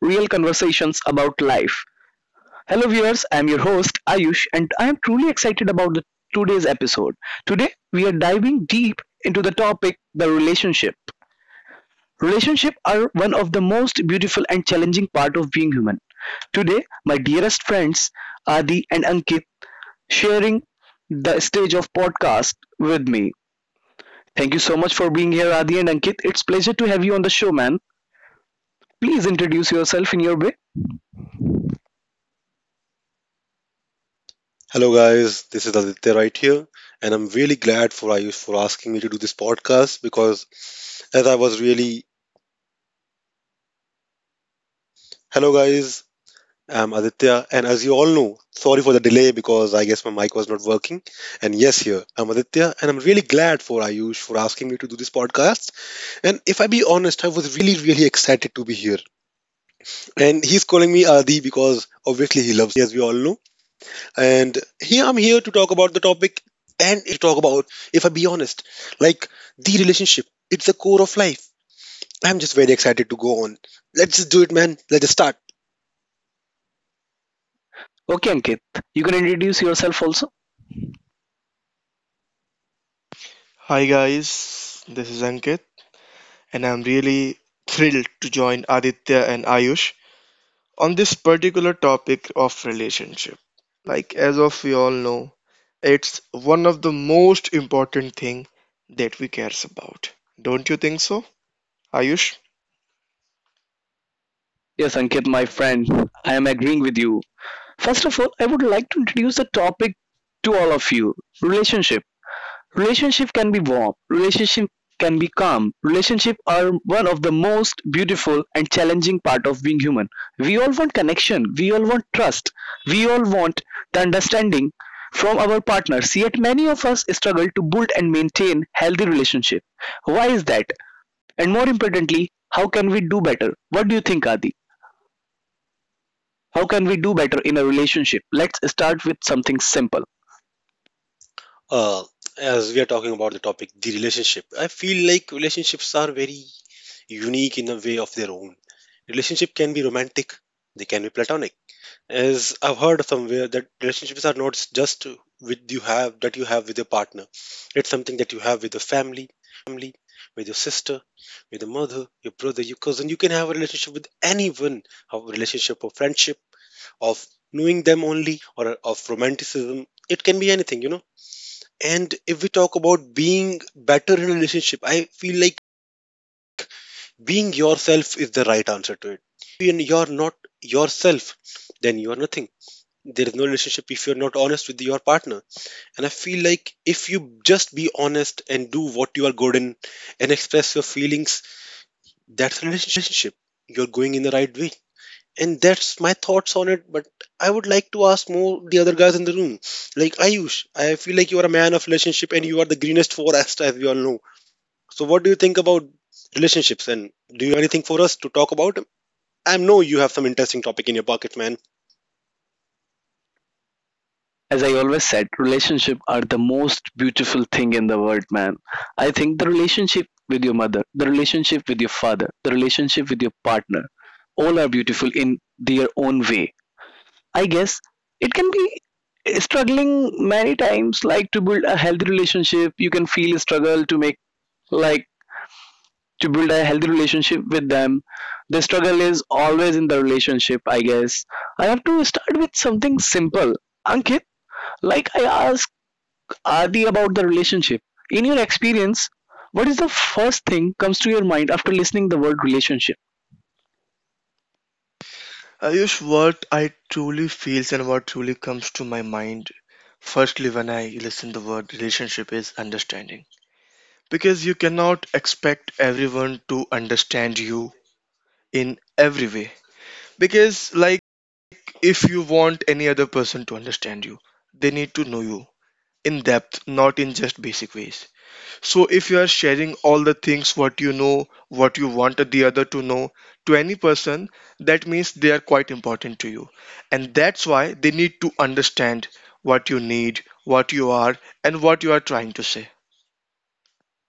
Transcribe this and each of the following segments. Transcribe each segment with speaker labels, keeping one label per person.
Speaker 1: real conversations about life. Hello, viewers. I'm your host, Ayush, and I am truly excited about the today's episode. Today, we are diving deep into the topic the relationship. Relationships are one of the most beautiful and challenging part of being human. Today, my dearest friends, Adi and Ankit, sharing the stage of podcast with me. Thank you so much for being here, Adi and Ankit. It's pleasure to have you on the show, man. Please introduce yourself in your way.
Speaker 2: Hello guys, this is Aditya right here, and I'm really glad for Ayush for asking me to do this podcast because as I was really hello guys, I'm Aditya, and as you all know, sorry for the delay because I guess my mic was not working. And yes, here I'm Aditya, and I'm really glad for Ayush for asking me to do this podcast. And if I be honest, I was really excited to be here. And he's calling me Adi because obviously he loves me, as we all know. And here I'm here to talk about the topic, and it's a very great topic to talk about, if I be honest. Like the relationship, it's the core of life. I'm just very excited to go on. Let's just do it, man. Let's just start.
Speaker 1: Okay, Ankit. You can introduce yourself also.
Speaker 3: Hi guys, this is Ankit, and I'm really thrilled to join Aditya and Ayush on this particular topic of relationship. Like as of we all know, it's one of the most important thing that we cares about. Don't you think so, Ayush?
Speaker 1: Yes, Ankit, my friend. I am agreeing with you. First of all, I would like to introduce the topic to all of you relationship. Relationship can be warm, relationship can be calm. Relationship are one of the most beautiful and challenging part of being human. We all want connection, we all want trust, we all want the understanding from our partners. Yet many of us struggle to build and maintain healthy relationship. Why is that? And more importantly, how can we do better? What do you think, Adi? How can we do better in a relationship? Let's start with something simple.
Speaker 2: Uh, as we are talking about the topic, the relationship, I feel like relationships are very unique in a way of their own. Relationship can be romantic, they can be platonic is I've heard somewhere that relationships are not just with you have that you have with your partner. It's something that you have with your family, with your sister, with your mother, your brother, your cousin. You can have a relationship with anyone, have a relationship of friendship, of knowing them only, or of romanticism. It can be anything, you know. And if we talk about being better in a relationship, I feel like being yourself is the right answer to it. If you're not yourself, then you are nothing. There is no relationship if you're not honest with your partner. And I feel like if you just be honest and do what you are good in and express your feelings, that's a relationship, you're going in the right way. And that's my thoughts on it, but I would like to ask more the other guys in the room, like Ayush, I feel like you are a man of relationship and you are the greenest forest as we all know. So what do you think about relationships, and do you have anything for us to talk about? I know you have some interesting topic in your pocket, man.
Speaker 1: As I always said, relationships are the most beautiful thing in the world, man. I think the relationship with your mother, the relationship with your father, the relationship with your partner, all are beautiful in their own way. I guess it can be struggling many times, like to build a healthy relationship. You can feel struggle to make like to build a healthy relationship with them. The struggle is always in the relationship, I guess. I have to start with something simple. Ankit, like I asked Adi about the relationship. In your experience, what is the first thing comes to your mind after listening the word relationship?
Speaker 3: Ayush, what I truly feels and what truly comes to my mind, firstly when I listen the word relationship is understanding. Because you cannot expect everyone to understand you in every way, because like if you want any other person to understand you, they need to know you in depth, not in just basic ways. So if you are sharing all the things, what you want the other to know to any person, that means they are quite important to you, and that's why they need to understand what you need, what you are, and what you are trying to say.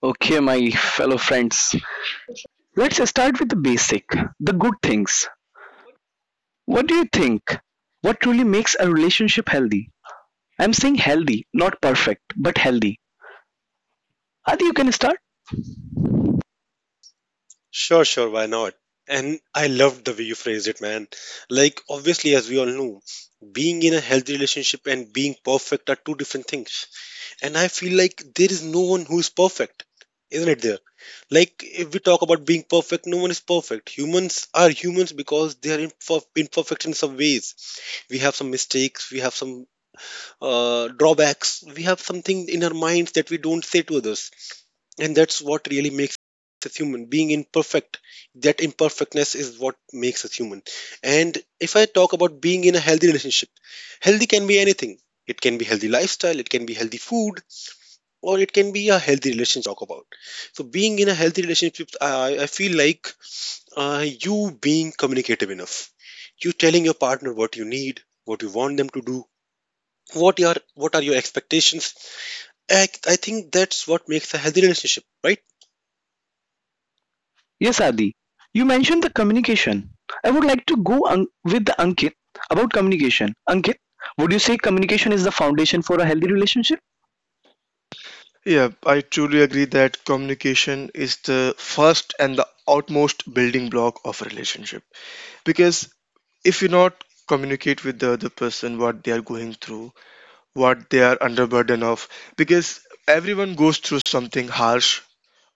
Speaker 1: Okay, my fellow friends. Let's start with the basic, the good things. What do you think? What truly makes a relationship healthy? I'm saying healthy, not perfect, but healthy. Adi, you can start?
Speaker 2: Sure, sure, why not? And I loved the way you phrased it, man. Like, obviously, as we all know, being in a healthy relationship and being perfect are two different things. And I feel like there is no one who is perfect, isn't it? There, like, if we talk about being perfect, no one is perfect. Humans are humans because they are imperfect in some ways. We have some mistakes, we have some drawbacks, we have something in our minds that we don't say to others, and that's what really makes us human being imperfect. That imperfectness is what makes us human. And if I talk about being in a healthy relationship, healthy can be anything. It can be healthy lifestyle, it can be healthy food, or it can be a healthy relationship as we talk about. So being in a healthy relationship, I feel like you being communicative enough, you telling your partner what you need, what you want them to do, what your what are your expectations, I think that's what makes a healthy relationship, right?
Speaker 1: Yes, Adi. You mentioned the communication. I would like to go with the Ankit about communication. Ankit, would you say communication is the foundation for a healthy relationship?
Speaker 3: Yeah, I truly agree that communication is the first and the outmost building block of a relationship. Because if you not communicate with the other person what they are going through, what they are under burden of, because everyone goes through something harsh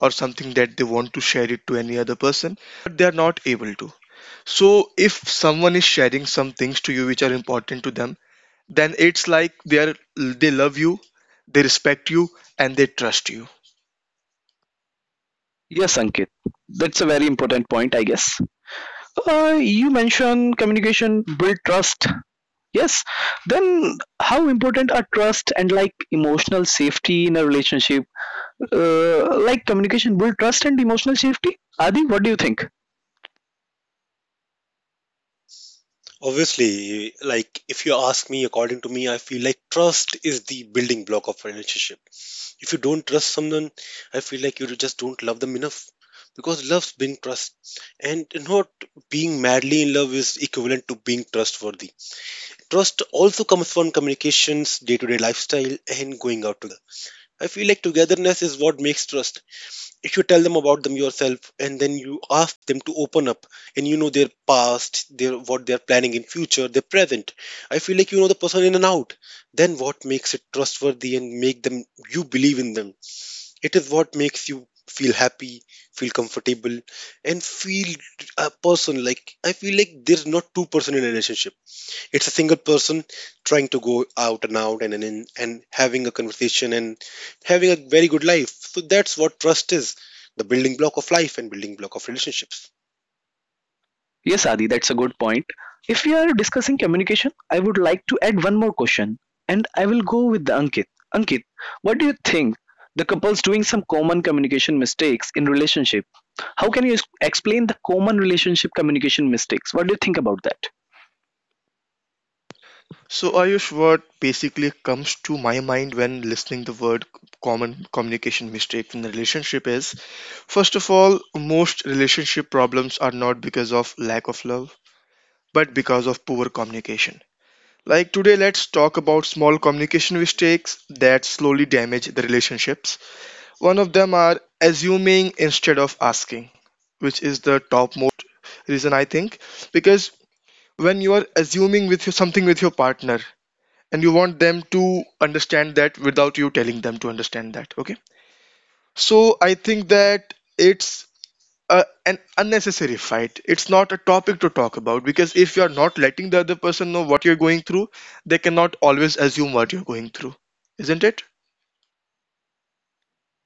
Speaker 3: or something that they want to share it to any other person, but they are not able to. So if someone is sharing some things to you which are important to them, then it's like they love you, they respect you, and they trust you.
Speaker 1: Yes, Ankit. That's a very important point, I guess. You mentioned communication build trust. Yes, then how important are trust and like emotional safety in a relationship? Like communication build trust and emotional safety? Adi, what do you think?
Speaker 2: Obviously, like if you ask me, according to me, I feel like trust is the building block of relationship. If you don't trust someone, I feel like you just don't love them enough, because love's being trust, and not being madly in love is equivalent to being trustworthy. Trust also comes from communications, day to day lifestyle, and going out together. I feel like togetherness is what makes trust. If you tell them about them yourself and then you ask them to open up and you know their past, their what they're planning in future, their present, I feel like you know the person in and out, then what makes it trustworthy and make them you believe in them. It is what makes you feel happy, feel comfortable, and feel a person. Like I feel like there's not two person in a relationship, it's a single person trying to go out and out and and having a conversation and having a very good life. So that's what trust is, the building block of life and building block of relationships.
Speaker 1: Yes, Adi, that's a good point. If we are discussing communication, I would like to add one more question and I will go with the Ankit. Ankit, what do you think? The couples doing some common communication mistakes in relationship. How can you explain the common relationship communication mistakes? What do you think about that?
Speaker 3: So Ayush, what basically comes to my mind when listening the word common communication mistake in a relationship is, first of all, most relationship problems are not because of lack of love, but because of poor communication. Like today, let's talk about small communication mistakes that slowly damage the relationships. One of them are assuming instead of asking, which is the topmost reason I think, because when you are assuming something with your partner and you want them to understand that without you telling them to understand that. Okay, so I think that it's an unnecessary fight. It's not a topic to talk about, because if you're not letting the other person know what you're going through, they cannot always assume what you're going through, isn't it?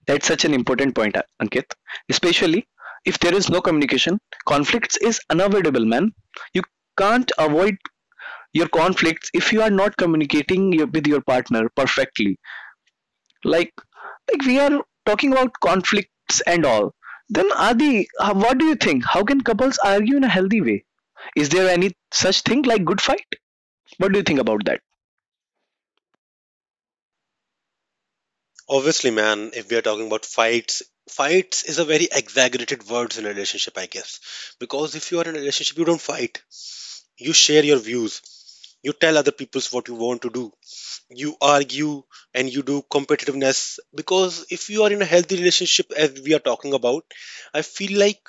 Speaker 1: That's such an important point, Ankit. Especially if there is no communication, conflicts is unavoidable, man. You can't avoid your conflicts if you are not communicating with your partner perfectly. Like like we are talking about conflicts and all, then Adi, what do you think? How can couples argue in a healthy way? Is there any such thing like good fight? What do you think about that?
Speaker 2: Obviously, man, if we are talking about fights, fights is a very exaggerated word in a relationship, I guess. Because if you are in a relationship, you don't fight. You share your views. You tell other people what you want to do, you argue and you do competitiveness. Because if you are in a healthy relationship as we are talking about, I feel like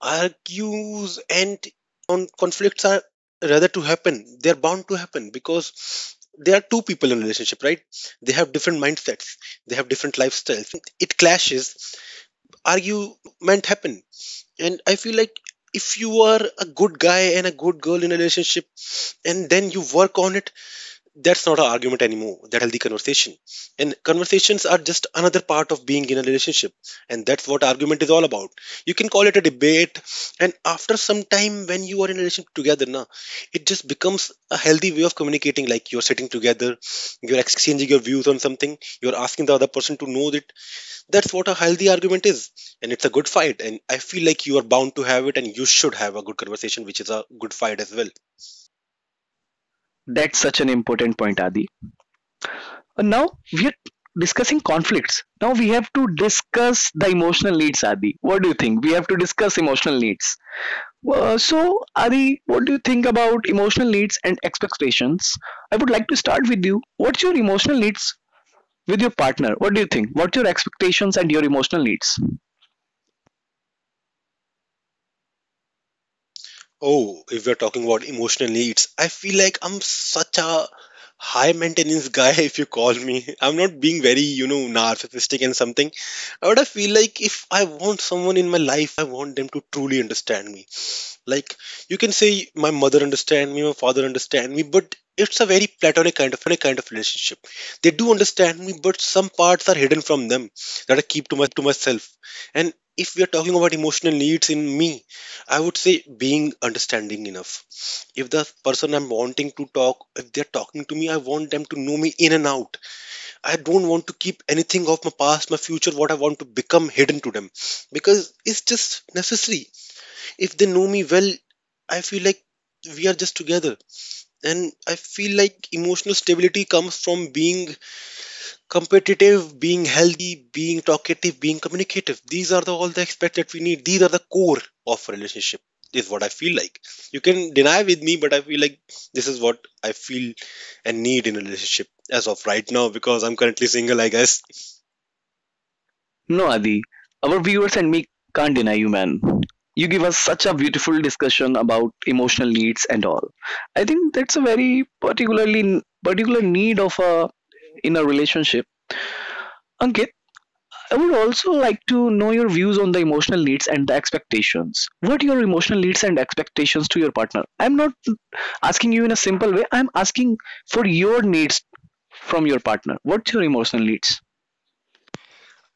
Speaker 2: argues and conflicts are rather to happen, they're bound to happen, because there are two people in a relationship, right? They have different mindsets, they have different lifestyles, and when it clashes, argument happen. And I feel like if you are a good guy and a good girl in a relationship and then you work on it, that's not an argument anymore, that's a healthy conversation. And conversations are just another part of being in a relationship, and that's what argument is all about. You can call it a debate, and after some time when you are in a relationship together na, it just becomes a healthy way of communicating. Like you're sitting together, you're exchanging your views on something, you're asking the other person to know that, that's what a healthy argument is, and it's a good fight. And I feel like you are bound to have it, and you should have a good conversation, which is a good fight as well.
Speaker 1: That's such an important point, Adi. And now we are discussing conflicts, now we have to discuss the emotional needs. Adi, what do you think? We have to discuss emotional needs. So Adi, what do you think about emotional needs and expectations? I would like to start with you. What's your emotional needs with your partner? What do you think? What's your expectations and your emotional needs?
Speaker 2: Oh, if we're talking about emotional needs, I feel like I'm such a high maintenance guy if you call me. I'm not being very, you know, narcissistic and something. But I feel like if I want someone in my life, I want them to truly understand me. Like you can say my mother understand me, my father understand me, but it's a very platonic kind of relationship. They do understand me, but some parts are hidden from them that I keep to myself. And if we are talking about emotional needs in me, I would say being understanding enough. If the person I'm wanting to talk, if they're talking to me, I want them to know me in and out. I don't want to keep anything of my past, my future, what I want to become hidden to them, because it's just necessary. If they know me well, I feel like we are just together. And I feel like emotional stability comes from being competitive, being healthy, being talkative, being communicative. These are the all the aspects that we need, these are the core of a relationship is what I feel like. You can deny with me, but I feel like this is what I feel and need in a relationship as of right now, because I'm currently single, I guess.
Speaker 1: No, Adi, our viewers and me can't deny you, man. You give us such a beautiful discussion about emotional needs and all. I think that's a very particular need of a in a relationship. Ankit, I would also like to know your views on the emotional needs and the expectations. What your emotional needs and expectations to your partner? I'm not asking you in a simple way. I'm asking for your needs from your partner. What's your emotional needs?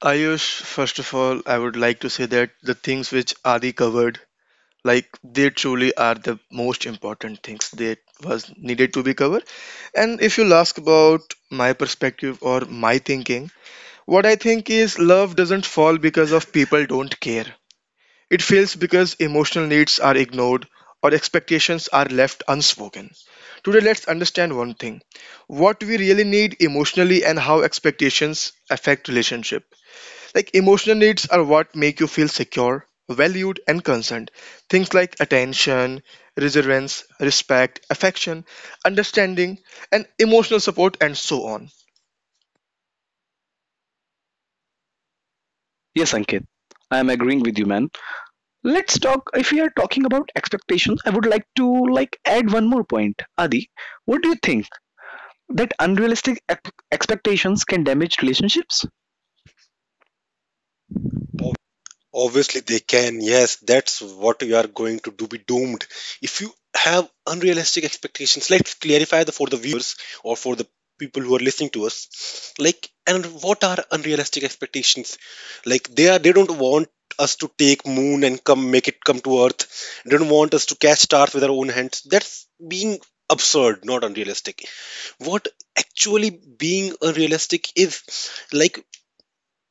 Speaker 3: Ayush, first of all, I would like to say that the things which Adi covered, like, they truly are the most important things that was needed to be covered. And if you'll ask about my perspective or my thinking, what I think is love doesn't fall because of people don't care. It fails because emotional needs are ignored or expectations are left unspoken. Today, let's understand one thing, what we really need emotionally and how expectations affect relationship. Like, emotional needs are what make you feel secure, valued, and concerned. Things like attention, reverence, respect, affection, understanding, and emotional support, and so on.
Speaker 1: Yes, Ankit. I am agreeing with you, man. Let's talk. If we are talking about expectations, I would like to like add one more point. Adi, what do you think that unrealistic expectations can damage relationships?
Speaker 2: Obviously, they can. Yes, that's what you are going to do, be doomed. If you have unrealistic expectations, let's clarify the for the viewers or for the people who are listening to us. Like, and what are unrealistic expectations? Like, they are they don't want us to take moon and come make it come to earth. They don't want us to catch stars with our own hands. That's being absurd, not unrealistic. What actually being unrealistic is like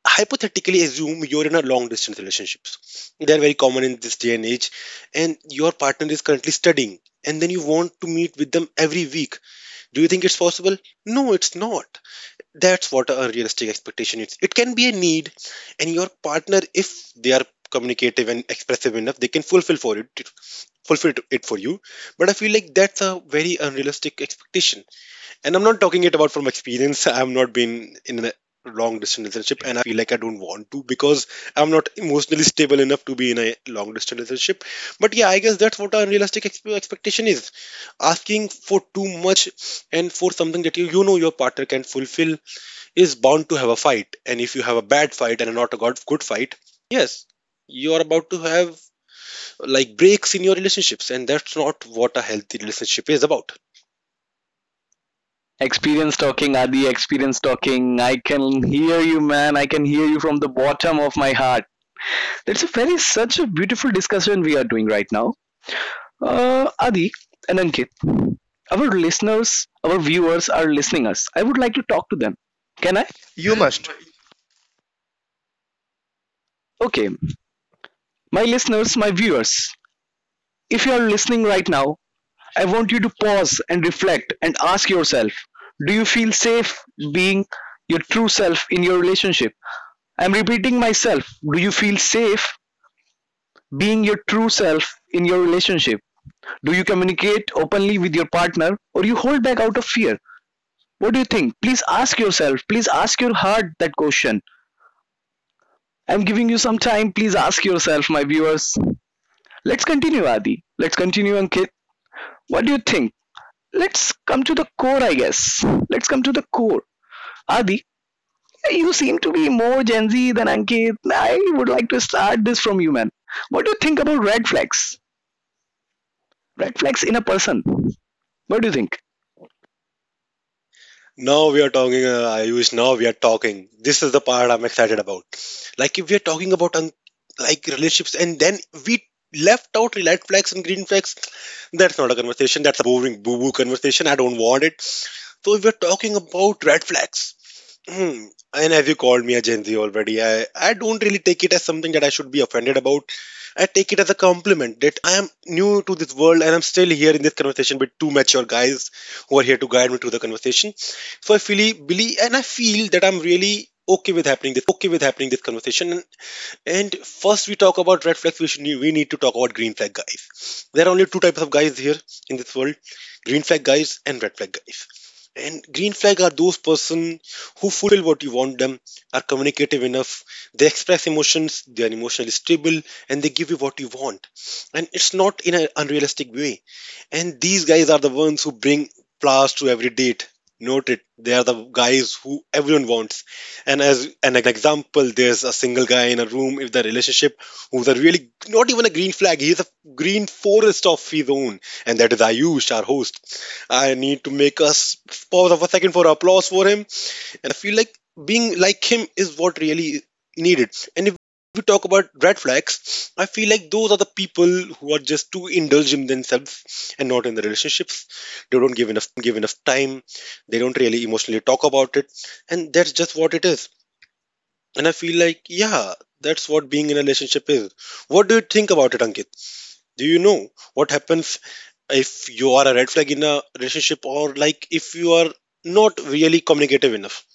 Speaker 2: hypothetically assume you're in a long distance relationships, they're very common in this day and age, and your partner is currently studying, and then you want to meet with them every week. Do you think it's possible? No, it's not. That's what a realistic expectation is. It can be a need, and your partner if they are communicative and expressive enough, they can fulfill for it, fulfill it for you. But I feel like that's a very unrealistic expectation, and I'm not talking it about from experience, I've not been in a long distance relationship. And I feel like I don't want to, because I'm not emotionally stable enough to be in a long distance relationship. But yeah, I guess that's what our unrealistic expectation is. Asking for too much and for something that you know your partner can fulfill is bound to have a fight. And if you have a bad fight and not a god good fight, yes, you are about to have like breaks in your relationships, and that's not what a healthy relationship is about.
Speaker 1: Experience talking, Adi, experience talking. I can hear you, man. I can hear you from the bottom of my heart. That's a very such a beautiful discussion we are doing right now. Adi and Ankit, our listeners, our viewers are listening us. I would like to talk to them. Can I?
Speaker 3: You must.
Speaker 1: Okay. My listeners, my viewers, if you are listening right now, I want you to pause and reflect and ask yourself, do you feel safe being your true self in your relationship? I'm repeating myself. Do you feel safe being your true self in your relationship? Do you communicate openly with your partner or you hold back out of fear? What do you think? Please ask yourself, please ask your heart that question. I'm giving you some time. Please ask yourself, my viewers. Let's continue, Adi. Let's continue, Ankit. What do you think? Let's come to the core, I guess. Let's come to the core. Adi, you seem to be more Gen Z than Ankit. I would like to start this from you, man. What do you think about red flags? Red flags in a person. What do you think?
Speaker 2: Now we are talking, Ayush. Now we are talking. This is the part I'm excited about. Like, if we are talking about like relationships, and then we left out red flags and green flags, that's not a conversation. That's a boring boo boo conversation. I don't want it. So if we're talking about red flags, hmm, and as you called me a Gen Z already, I don't really take it as something that I should be offended about. I take it as a compliment that I am new to this world and I'm still here in this conversation with two mature guys who are here to guide me through the conversation. So I feel, believe, and I feel that I'm really okay with happening this conversation. And first, we talk about red flags. We need to talk about green flag guys. There are only two types of guys here in this world: green flag guys and red flag guys. And green flag are those person who fulfill what you want them, are communicative enough, they express emotions, they are emotionally stable, and they give you what you want, and it's not in an unrealistic way. And these guys are the ones who bring flowers to every date, note it. They are the guys who everyone wants. And as an example, there's a single guy in a room if the relationship who's a really not even a green flag, he's a green forest of his own, and that is Ayush, our host. I need to make us pause for a second for applause for him, and I feel like being like him is what really needed. And if we talk about red flags, I feel like those are the people who are just too indulgent in themselves and not in the relationships. They don't give enough time, they don't really emotionally talk about it, and that's just what it is. And I feel like, yeah, that's what being in a relationship is. What do you think about it, Ankit? Do you know what happens if you are a red flag in a relationship, or like if you are not really communicative enough?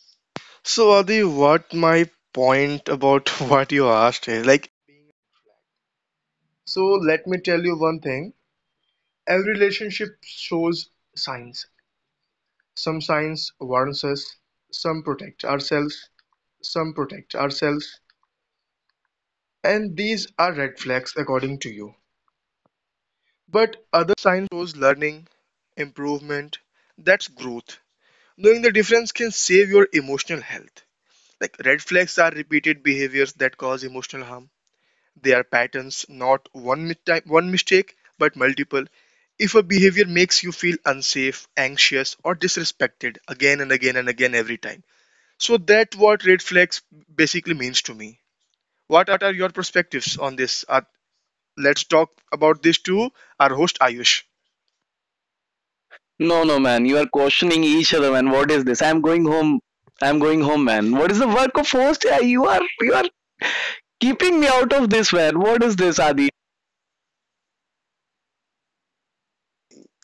Speaker 3: So, Adi, what my point about what you asked is, like, so let me tell you one thing. Every relationship shows signs. Some signs warns us, some protect ourselves, and these are red flags according to you. But other signs shows learning, improvement, that's growth. Knowing the difference can save your emotional health. Like, red flags are repeated behaviors that cause emotional harm. They are patterns, not one, one mistake, but multiple. If a behavior makes you feel unsafe, anxious, or disrespected again and again and again every time. So that's what red flags basically means to me. What are your perspectives on this? Let's talk about this to our host Ayush.
Speaker 1: No, no, man. You are questioning each other, man. What is this? I'm going home. I'm going home, man. What is the work of host? Yeah, you are keeping me out of this, man. What is this, Adi?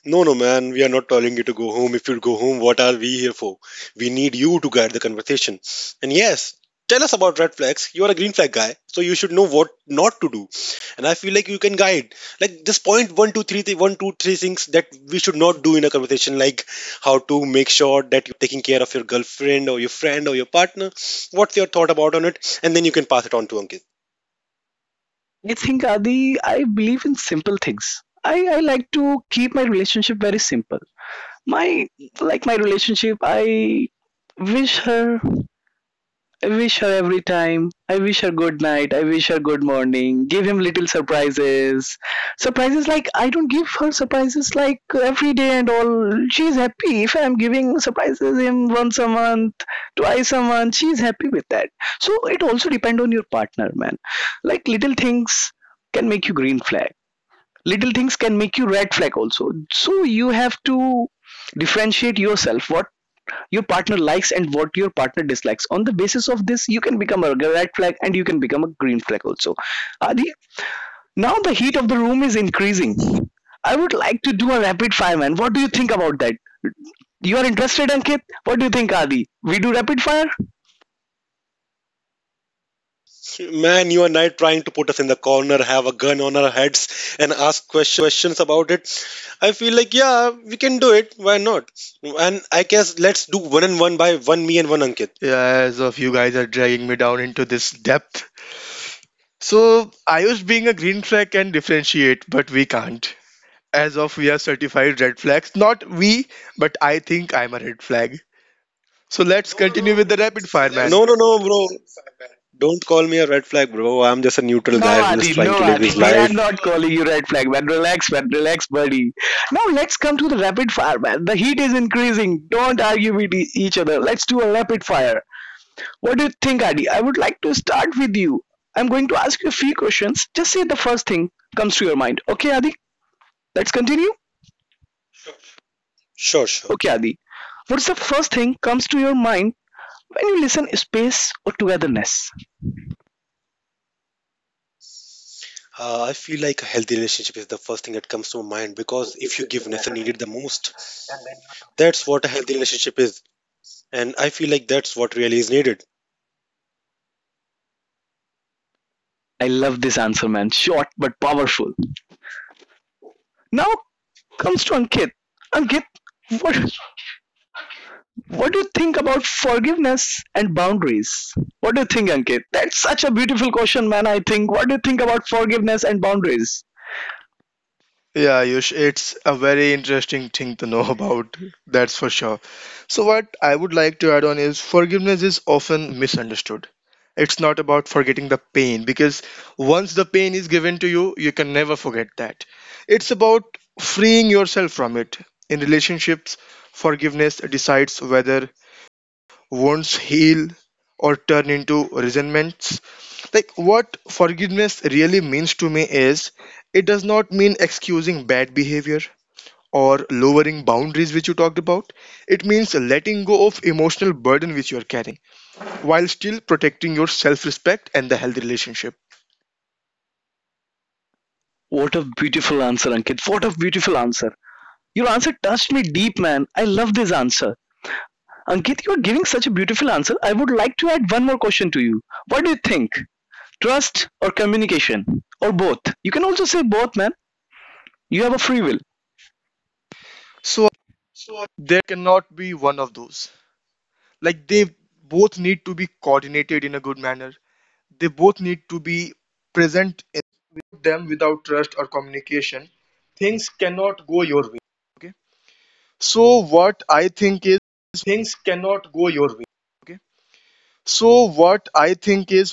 Speaker 2: No, no, man, we are not telling you to go home. If you go home, what are we here for? We need you to guide the conversation. And yes, tell us about red flags. You are a green flag guy, so you should know what not to do. And I feel like you can guide. Like just point one, two, three things that we should not do in a conversation, like how to make sure that you are taking care of your girlfriend or your friend or your partner. What's your thought about on it? And then you can pass it on to Ankit.
Speaker 1: I think Adi, I believe in simple things. I like to keep my relationship very simple. My my relationship, wish her I wish her every time. I wish her good night. I wish her good morning. Give him little surprises. Surprises like I don't give her surprises like every day and all. She's happy if I'm giving surprises him once a month, twice a month. She's happy with that. So it also depend on your partner, man. Like little things can make you green flag. Little things can make you red flag also. So you have to differentiate yourself. What your partner likes and what your partner dislikes. On the basis of this, you can become a red flag and you can become a green flag also. Adi, now the heat of the room is increasing. I would like to do a rapid fire, man. What do you think about that? You are interested, Ankit? What do you think, Adi? We do rapid fire?
Speaker 2: Man, you are not trying to put us in the corner, have a gun on our heads, and ask questions about it. I feel like, yeah, we can do it. Why not? And I guess let's do one and one by one, me and one Ankit.
Speaker 3: Yeah, as of you guys are dragging me down into this depth. So Ayush being a green flag can differentiate, but we can't. As of we are certified red flags. Not we, but I think I'm a red flag. So let's. No, no, continue no. With the rapid
Speaker 2: So
Speaker 3: fire,
Speaker 2: let's...
Speaker 3: man.
Speaker 2: No, no, no, bro. Don't call me a red flag, bro. I'm just a neutral
Speaker 1: No,
Speaker 2: guy who is
Speaker 1: Adi,
Speaker 2: trying
Speaker 1: no,
Speaker 2: to live
Speaker 1: Adi.
Speaker 2: his
Speaker 1: We are
Speaker 2: life.
Speaker 1: not calling you red flag, man. Relax, man. Relax, buddy. Now let's come to the rapid fire, man. The heat is increasing. Don't argue with each other. Let's do a rapid fire. What do you think, Adi? I would like to start with you. I'm going to ask you a few questions. Just say the first thing comes to your mind. Okay, Adi? Let's continue.
Speaker 2: Sure, sure.
Speaker 1: Okay, Adi. What's the first thing comes to your mind when you listen space or togetherness?
Speaker 2: I feel like a healthy relationship is the first thing that comes to my mind because if you give necessary space and then you are together when needed the most, that's what a healthy relationship is. And I feel like that's what really is needed.
Speaker 1: I love this answer, man. Short but powerful. Now comes to Ankit. Ankit, what what do you think about forgiveness and boundaries? What do you think, Ankit? That's such a beautiful question, man. I think. What do you think about forgiveness and boundaries?
Speaker 3: Yeah, Yush, it's a very interesting thing to know about. That's for sure. So what I would like to add on is forgiveness is often misunderstood. It's not about forgetting the pain, because once the pain is given to you, you can never forget that. It's about freeing yourself from it. In relationships, forgiveness decides whether wounds heal or turn into resentments. Like, what forgiveness really means to me is it does not mean excusing bad behavior or lowering boundaries, which you talked about. It means letting go of emotional burden which you are carrying while still protecting your self-respect and the healthy relationship.
Speaker 1: What a beautiful answer, Ankit. What a beautiful answer. Your answer touched me deep, man. I love this answer. Ankit, you are giving such a beautiful answer. I would like to add one more question to you. What do you think? Trust or communication? Or both? You can also say both, man. You have a free will.
Speaker 3: So there cannot be one of those. Like, they both need to be coordinated in a good manner. They both need to be present. Without trust or communication, things cannot go your way. Okay. So what I think is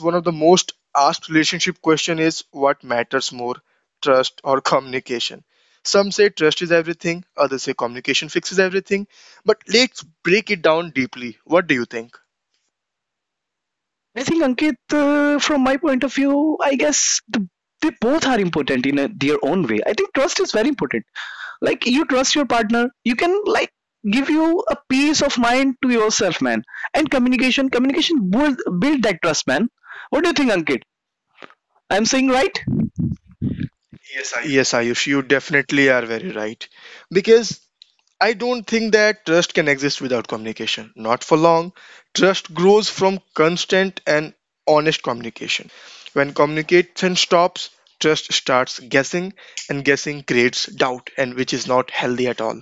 Speaker 3: one of the most asked relationship question is, what matters more, trust or communication? Some say trust is everything, others say communication fixes everything. But let's break it down deeply. What do you think?
Speaker 1: I think Ankit, from my point of view, I guess they both are important in their own way. I think trust is very important. Like you trust your partner, you can like give you a peace of mind to yourself, man. And communication build that trust, man. What do you think, Ankit? I'm saying right?
Speaker 3: Yes, Ayush, you definitely are very right. Because I don't think that trust can exist without communication. Not for long. Trust grows from constant and honest communication. When communication stops, trust starts guessing, and guessing creates doubt, and which is not healthy at all.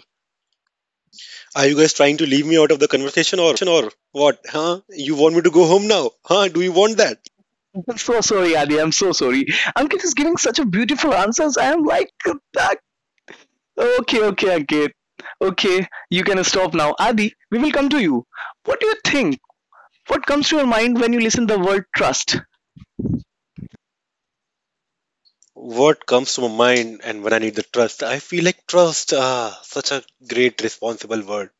Speaker 2: Are you guys trying to leave me out of the conversation or what? Huh? You want me to go home now? Huh? Do you want that?
Speaker 1: I'm so sorry, Adi. I'm so sorry. Ankit is giving such a beautiful answers. I am like, okay, okay, Ankit. Okay, you can stop now. Adi, we will come to you. What do you think? What comes to your mind when you listen the word trust?
Speaker 2: What comes to my mind and when I need the trust? I feel like trust, such a great responsible word.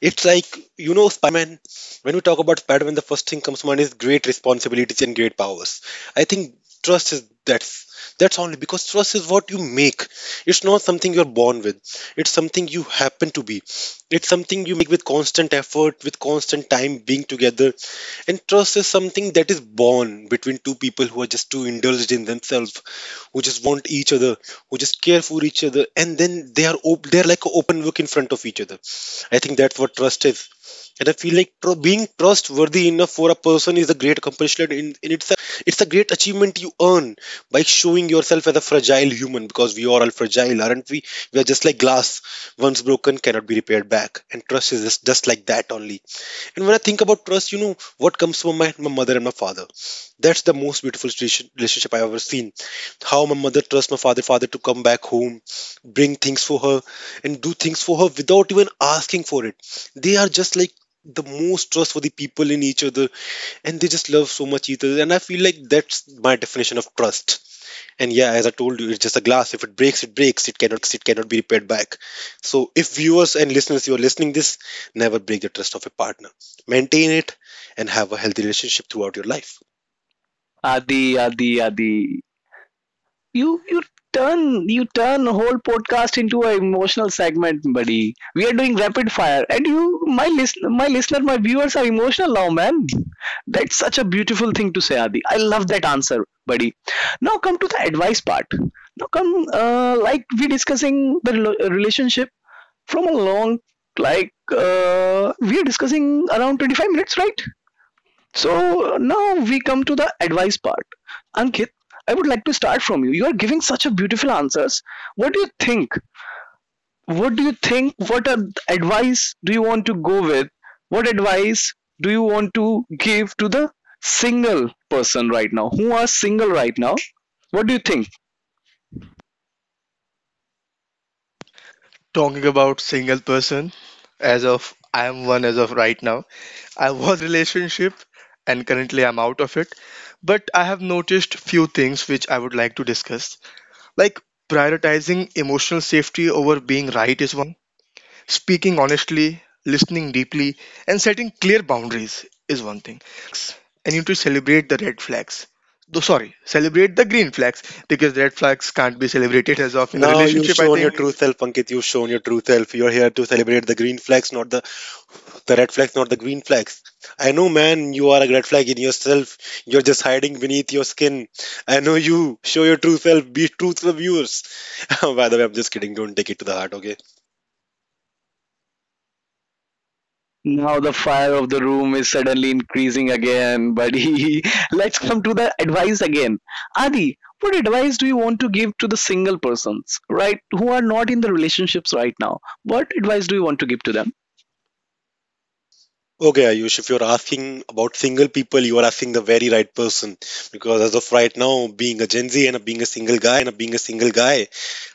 Speaker 2: It's like Spider Man. When we talk about Spider Man, the first thing comes to mind is great responsibilities and great powers. I think trust is that's only because trust is what you make. It's not something you're born with. It's something you happen to be. It's something you make with constant effort, with constant time being together. And trust is something that is born between two people who are just too indulged in themselves, who just want each other, who just care for each other, and then they are they're like an open book in front of each other. I think that's what trust is, and I feel like being trustworthy enough for a person is a great accomplishment in itself. It's a great achievement you earn by showing yourself as a fragile human because we are all fragile, aren't we? We are just like glass, once broken cannot be repaired back, and trust is just like that only. And when I think about trust, you know what comes from my mother and my father. That's the most beautiful relationship I've ever seen. How my mother trusts my father to come back home, bring things for her, and do things for her without even asking for it. They are just like the most trustworthy people in each other, and they just love so much each other. And I feel like that's my definition of trust. And yeah, as I told you, it's just a glass. If it breaks, it breaks. It cannot be repaired back. So if viewers and listeners, you are listening this, never break the trust of a partner. Maintain it and have a healthy relationship throughout your life.
Speaker 1: Adi, Adi, Adi. You you you turn whole podcast into an emotional segment, buddy. We are doing rapid fire, and you, my listener, my viewers are emotional now, man. That's such a beautiful thing to say, Adi. I love that answer, buddy. Now come to the advice part. Now come, like we discussing the relationship from a long like we are discussing around 25 minutes, right? So now we come to the advice part. Ankit, I would like to start from You are giving such a beautiful answers. What do you think what do you think What are the advice do you want to go with? What advice do you want to give to the single person right now, who are single right now? What do you think?
Speaker 3: Talking about single person, as of I am one as of right now, I was in a relationship and currently I'm out of it, but I have noticed few things which I would like to discuss. Like, prioritizing emotional safety over being right is one thing, speaking honestly, listening deeply, and setting clear boundaries is one thing. Like, you need to notice the red flags and you need to celebrate the red flags. Though sorry, celebrate the green flags, because red flags can't be celebrated as of in a
Speaker 2: Now you've
Speaker 3: relationship, I
Speaker 2: shown your true
Speaker 3: think.
Speaker 2: self, Ankit. You've shown your true self. You're here to celebrate the green flags, not the red flags, not the green flags. I know, man, you are a red flag in yourself. You're just hiding beneath your skin. I know you. Show your true self. Be truthful, viewers. By the way, I'm just kidding. Don't take it to the heart, okay?
Speaker 1: Now the fire of the room is suddenly increasing again, buddy. Let's come to the advice again. Adi, what advice do you want to give to the single persons, right, who are not in the relationships right now? What advice do you want to give to them?
Speaker 2: Okay, Ayush, if you're asking about single people, you are asking the very right person. Because as of right now, being a Gen Z and being a single guy,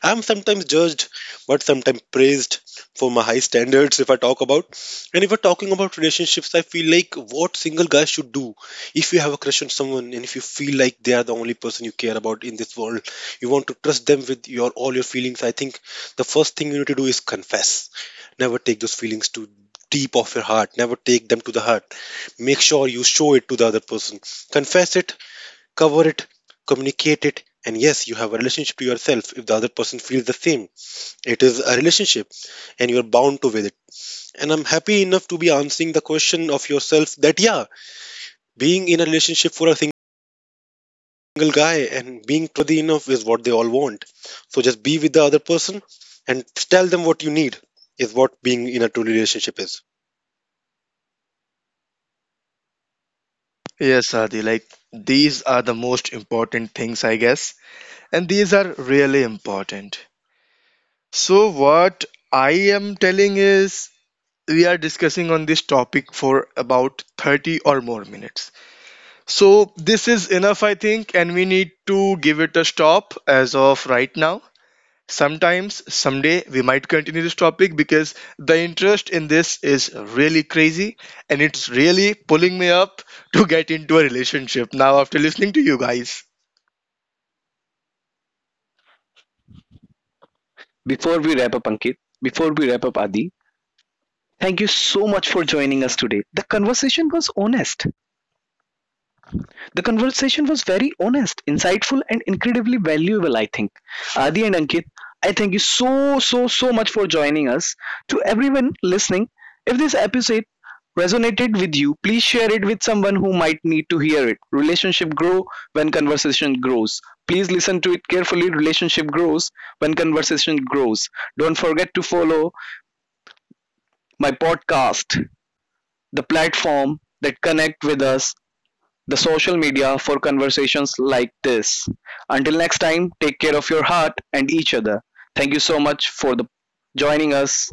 Speaker 2: I'm sometimes judged, but sometimes praised for my high standards if I talk about. And if we're talking about relationships, I feel like what single guys should do. If you have a crush on someone and if you feel like they are the only person you care about in this world, you want to trust them with your all your feelings, I think the first thing you need to do is confess. Never take those feelings to deep of your heart, never take them to the heart. Make sure you show it to the other person. Confess it, cover it, communicate it. And yes, you have a relationship to yourself if the other person feels the same. It is a relationship and you're bound to with it. And I'm happy enough to be answering the question of yourself that, yeah, being in a relationship for a single guy and being trustworthy enough is what they all want. So just be with the other person and tell them what you need is what being in a true relationship is.
Speaker 3: Yes, Adi, like these are the most important things, I guess, and these are really important. So, what I am telling is we are discussing on this topic for about 30 or more minutes, so this is enough I think and we need to give it a stop as of right now. Sometimes someday we might continue this topic, because the interest in this is really crazy and it's really pulling me up to get into a relationship now after listening to you guys.
Speaker 1: Before we wrap up, Ankit, before we wrap up, Adi, thank you so much for joining us today. The conversation was very honest, insightful, and incredibly valuable, I think. Adi and Ankit, I thank you so, so, so much for joining us. To everyone listening, if this episode resonated with you, please share it with someone who might need to hear it. Relationship grow when conversation grows. Please listen to it carefully. Relationship grows when conversation grows. Don't forget to follow my podcast, the platform that connect with us the social media for conversations like this. Until next time, take care of your heart and each other. Thank you so much for joining us.